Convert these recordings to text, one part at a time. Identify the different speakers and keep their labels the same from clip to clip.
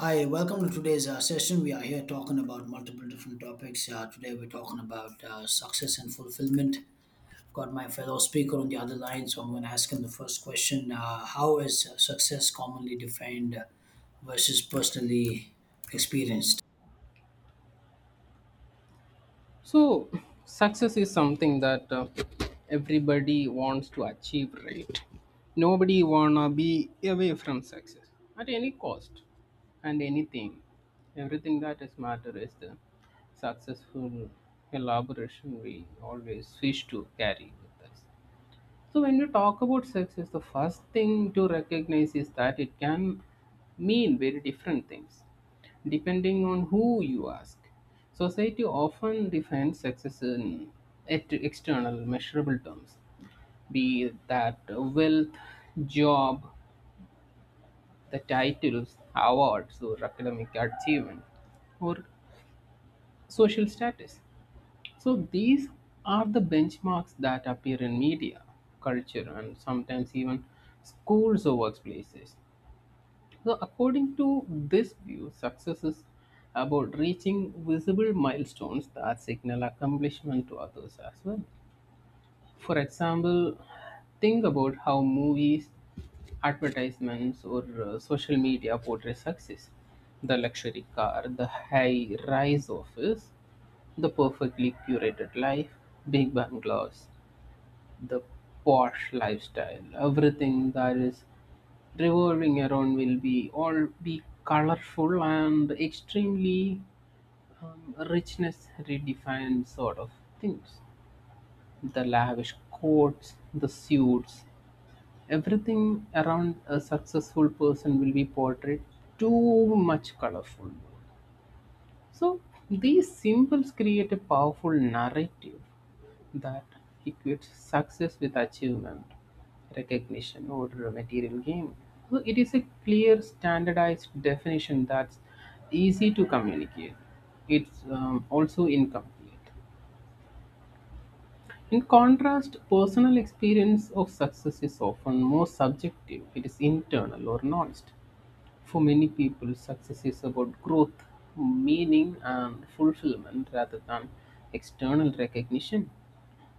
Speaker 1: Hi, welcome to today's session. We are here talking about multiple different topics. Today, we're talking about success and fulfillment. I've got my fellow speaker on the other line, so I'm going to ask him the first question. How is success commonly defined versus personally experienced?
Speaker 2: So, success is something that everybody wants to achieve, right? Nobody wanna be away from success at any cost and anything. Everything that is matter is the successful elaboration we always wish to carry with us. So, when we talk about success, the first thing to recognize is that it can mean very different things depending on who you ask. Society often defines success in external, measurable terms, be that wealth, job, the titles, awards, or academic achievement, or social status. So these are the benchmarks that appear in media, culture, and sometimes even schools or workplaces. So, according to this view, success is about reaching visible milestones that signal accomplishment to others as well. For example, think about how movies, advertisements, or social media portray success, the luxury car, the high rise office, the perfectly curated life, big bungalows, the posh lifestyle, everything that is revolving around will be all be colorful and extremely richness redefined sort of things, the lavish coats, the suits, everything around a successful person will be portrayed too much colorful. So these symbols create a powerful narrative that equates success with achievement, recognition, or a material gain. So it is a clear, standardized definition that's easy to communicate. It's also incomplete. In contrast, personal experience of success is often more subjective, it is internal or nuanced. For many people, success is about growth, meaning, and fulfillment rather than external recognition.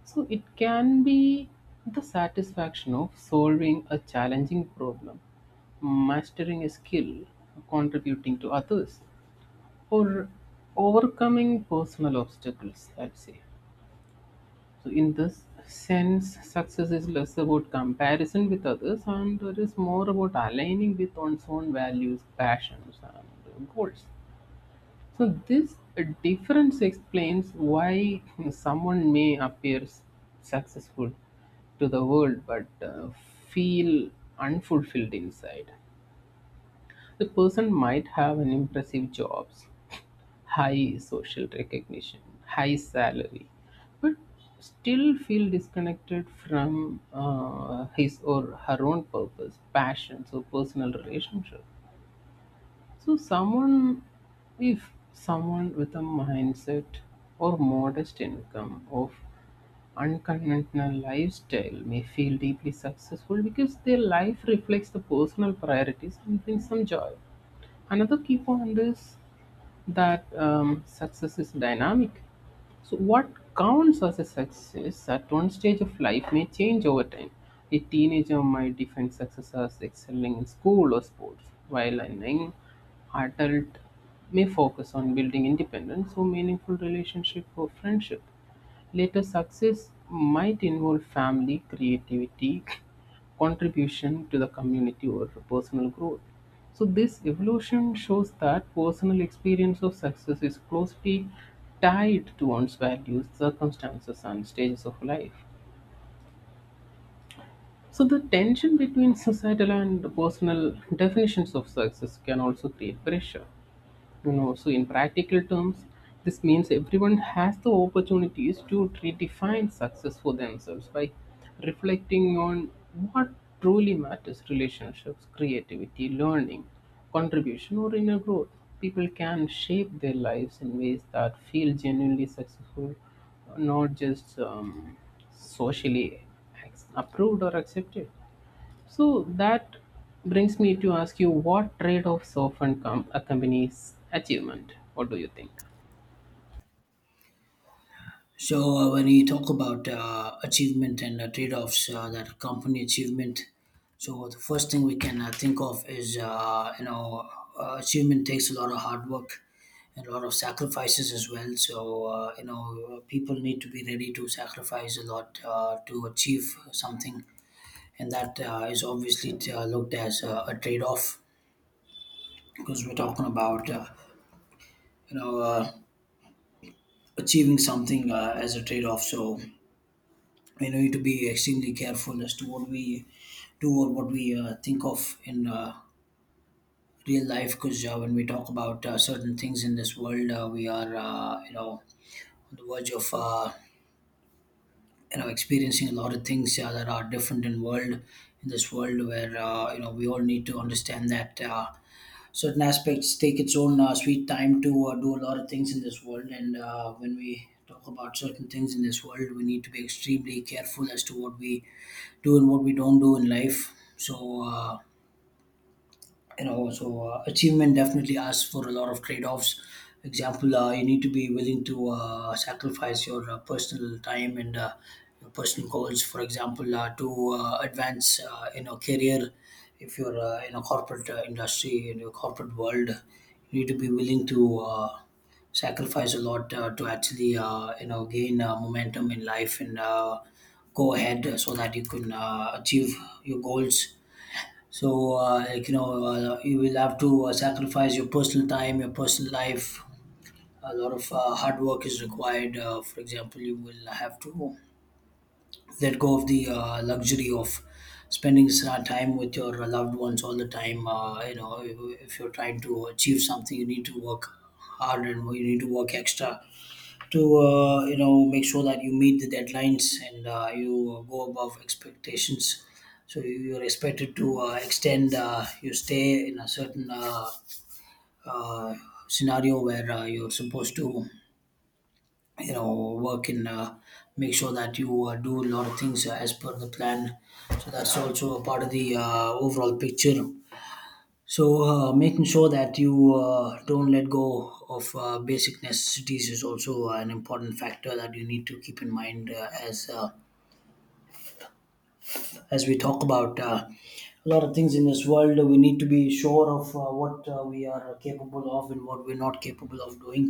Speaker 2: So it can be the satisfaction of solving a challenging problem, mastering a skill, contributing to others, or overcoming personal obstacles, I'd say. So, in this sense, success is less about comparison with others and it is more about aligning with one's own values, passions, and goals. So, this difference explains why someone may appear successful to the world but feel unfulfilled inside. The person might have an impressive jobs, high social recognition, high salary, but still feel disconnected from his or her own purpose, passions, or personal relationship. So, someone, if someone with a mindset or modest income of unconventional lifestyle may feel deeply successful because their life reflects the personal priorities and brings some joy. Another key point is that success is dynamic. So, what counts as a success at one stage of life may change over time. A teenager might define success as excelling in school or sports, while an young adult may focus on building independence or meaningful relationship or friendship. Later success might involve family, creativity, contribution to the community, or personal growth. So, this evolution shows that personal experience of success is closely tied to one's values, circumstances, and stages of life. So, the tension between societal and personal definitions of success can also create pressure. So in practical terms this means everyone has the opportunities to redefine success for themselves by reflecting on what truly matters: relationships, creativity, learning, contribution, or inner growth. People can shape their lives in ways that feel genuinely successful, not just socially approved or accepted. So that brings me to ask you, what trade offs often come accompanies achievement? What do you think?
Speaker 1: So when you talk about achievement and trade-offs that accompany achievement, so the first thing we can think of is achievement takes a lot of hard work and a lot of sacrifices as well. So you know, people need to be ready to sacrifice a lot to achieve something, and that is obviously looked as a trade-off, because we're talking about you know uh, achieving something as a trade-off. So we need to be extremely careful as to what we do or what we think of in real life, because when we talk about certain things in this world, we are you know, on the verge of you know, experiencing a lot of things that are different in world, in this world, where you know, we all need to understand that certain aspects take its own sweet time to do a lot of things in this world. And when we talk about certain things in this world, we need to be extremely careful as to what we do and what we don't do in life. So, achievement definitely asks for a lot of trade-offs. Example, you need to be willing to sacrifice your personal time and your personal goals, for example, to advance in a career. If you're in a corporate industry, in your corporate world, you need to be willing to sacrifice a lot to actually you know, gain momentum in life and go ahead so that you can achieve your goals. So like you know, you will have to sacrifice your personal time, your personal life. A lot of hard work is required. For example, you will have to let go of the luxury of spending time with your loved ones all the time. You know, if you're trying to achieve something, you need to work hard and you need to work extra to you know, make sure that you meet the deadlines and you go above expectations, so you're expected to extend your stay in a certain uh, scenario where you're supposed to, you know, work and make sure that you do a lot of things as per the plan. So that's also a part of the overall picture. So, making sure that you don't let go of basic necessities is also an important factor that you need to keep in mind, as we talk about a lot of things in this world. We need to be sure of what we are capable of and what we're not capable of doing.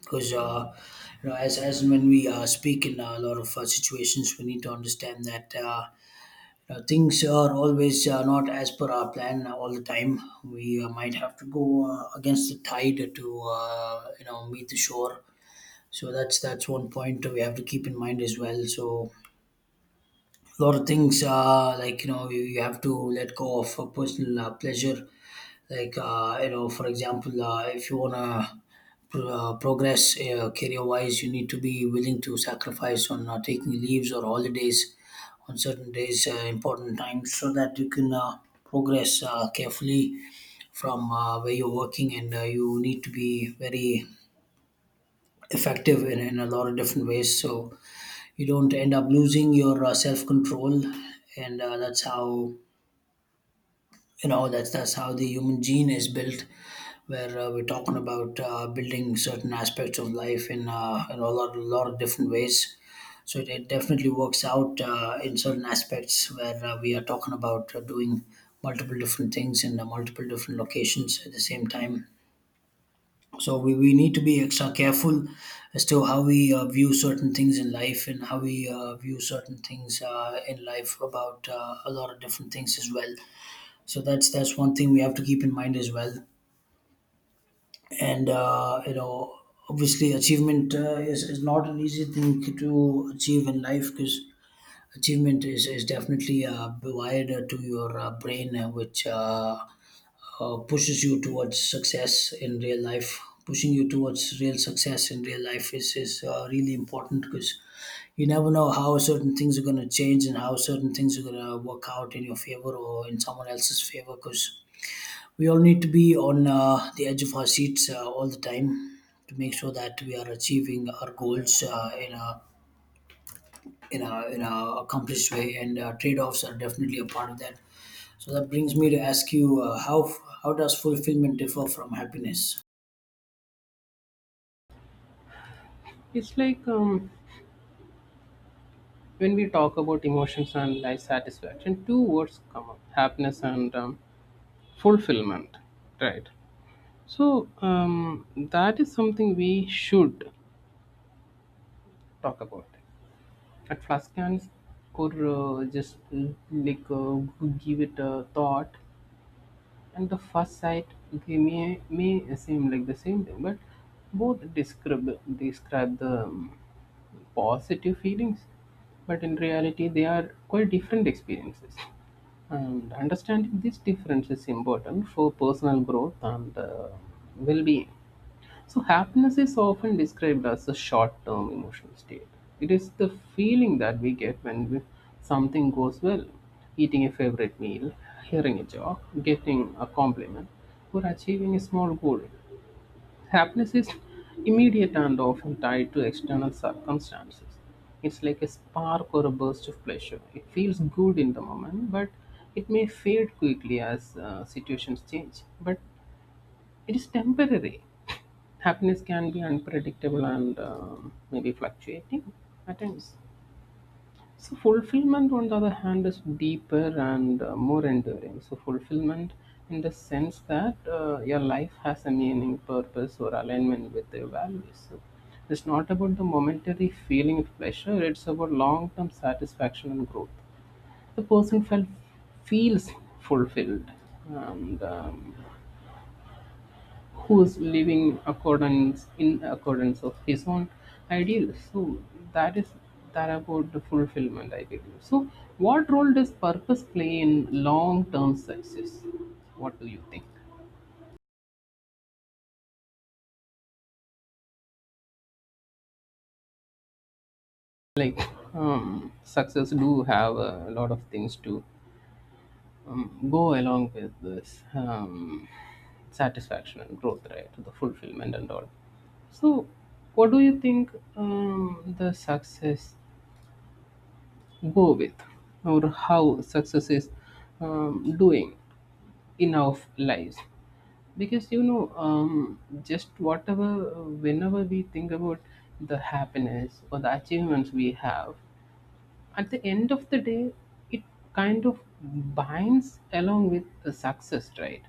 Speaker 1: Because you know, as and when we speak in a lot of situations, we need to understand that. Things are always not as per our plan all the time. We might have to go against the tide to you know, meet the shore. So that's one point we have to keep in mind as well. So a lot of things like you know, you have to let go of personal pleasure. Like you know, for example if you want to progress career wise you need to be willing to sacrifice on taking leaves or holidays on certain days, important times, so that you can progress carefully from where you're working, and you need to be very effective in a lot of different ways, so you don't end up losing your self-control. And that's how, you know, that's how the human gene is built, where we're talking about building certain aspects of life in a lot of different ways. So it definitely works out in certain aspects where we are talking about doing multiple different things in multiple different locations at the same time. So we need to be extra careful as to how we view certain things in life and how we view certain things in life about a lot of different things as well. So that's one thing we have to keep in mind as well. And you know, obviously achievement is not an easy thing to achieve in life, because achievement is definitely wired to your brain, which pushes you towards success in real life. Pushing you towards real success in real life is really important, because you never know how certain things are going to change and how certain things are going to work out in your favor or in someone else's favor, because we all need to be on the edge of our seats all the time to make sure that we are achieving our goals in a in a in a accomplished way, and trade-offs are definitely a part of that. So that brings me to ask you, how how does fulfillment differ from happiness?
Speaker 2: It's like when we talk about emotions and life satisfaction, two words come up, happiness and fulfillment, right? So that is something we should talk about. At first glance, or just like give it a thought, and the first sight they may seem like the same thing, but both describe the positive feelings, but in reality they are quite different experiences, and understanding this difference is important for personal growth and well being. So, happiness is often described as a short term emotional state. It is the feeling that we get when we, something goes well, eating a favorite meal, hearing a joke, getting a compliment, or achieving a small goal. Happiness is immediate and often tied to external circumstances. It's like a spark or a burst of pleasure. It feels good in the moment, but it may fade quickly as situations change. But it is temporary. Happiness can be unpredictable and maybe fluctuating at times. So fulfillment, on the other hand, is deeper and more enduring. So fulfillment, in the sense that your life has a meaning, purpose, or alignment with your values. So it's not about the momentary feeling of pleasure; it's about long-term satisfaction and growth. The person felt feels fulfilled, and who is living in accordance of his own ideal. So that is that about the fulfillment, I believe. So what role does purpose play in long term success? What do you think? Like success do have a lot of things to go along with this satisfaction and growth, right? The fulfillment and all. So what do you think, the success go with, or how success is doing in our lives? Because you know just whatever whenever we think about the happiness or the achievements we have at the end of the day, it kind of binds along with the success, right?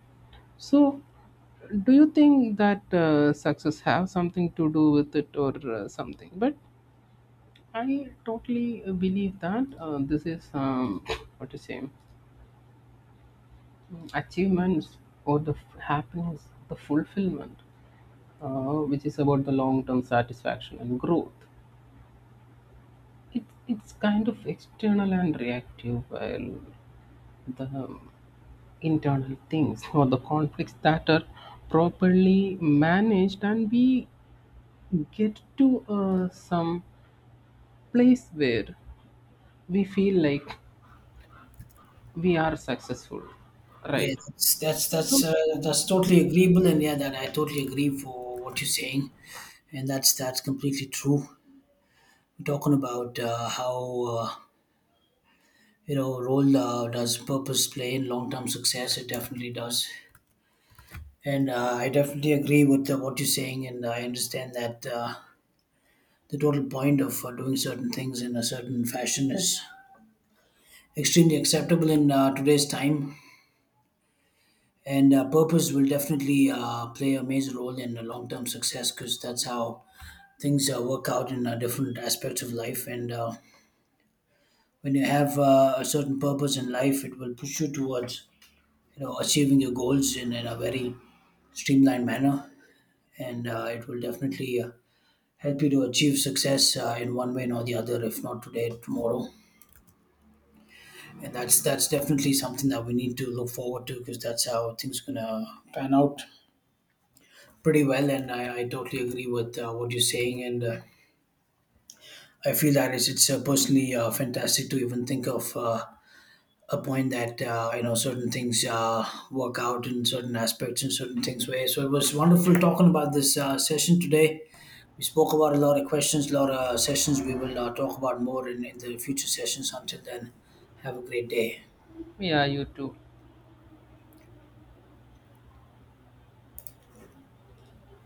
Speaker 2: So do you think that success have something to do with it or something, but I totally believe that this is what to say mm, achievements or the happiness, the fulfillment, which is about the long term satisfaction and growth. It's kind of external and reactive, while the internal things or the conflicts that are properly managed, and we get to some place where we feel like we are successful,
Speaker 1: Yeah,
Speaker 2: right?
Speaker 1: that's totally agreeable, and yeah, that I totally agree for what you're saying, and that's completely true. We're talking about how uh, you know, role does purpose play in long-term success. It definitely does. And I definitely agree with what you're saying, and I understand that the total point of doing certain things in a certain fashion is extremely acceptable in today's time. And purpose will definitely play a major role in the long term success, because that's how things work out in different aspects of life. And when you have a certain purpose in life, it will push you towards, you know, achieving your goals in a very streamlined manner, and it will definitely help you to achieve success in one way or the other, if not today, tomorrow. And that's definitely something that we need to look forward to, because that's how things gonna pan out pretty well. And I totally agree with what you're saying, and I feel that it's personally fantastic to even think of a point that you know, certain things work out in certain aspects and certain things way. So it was wonderful talking about this session today. We spoke about a lot of questions, a lot of sessions. We will talk about more in the future sessions. Until then, have a great day.
Speaker 2: Yeah, you too.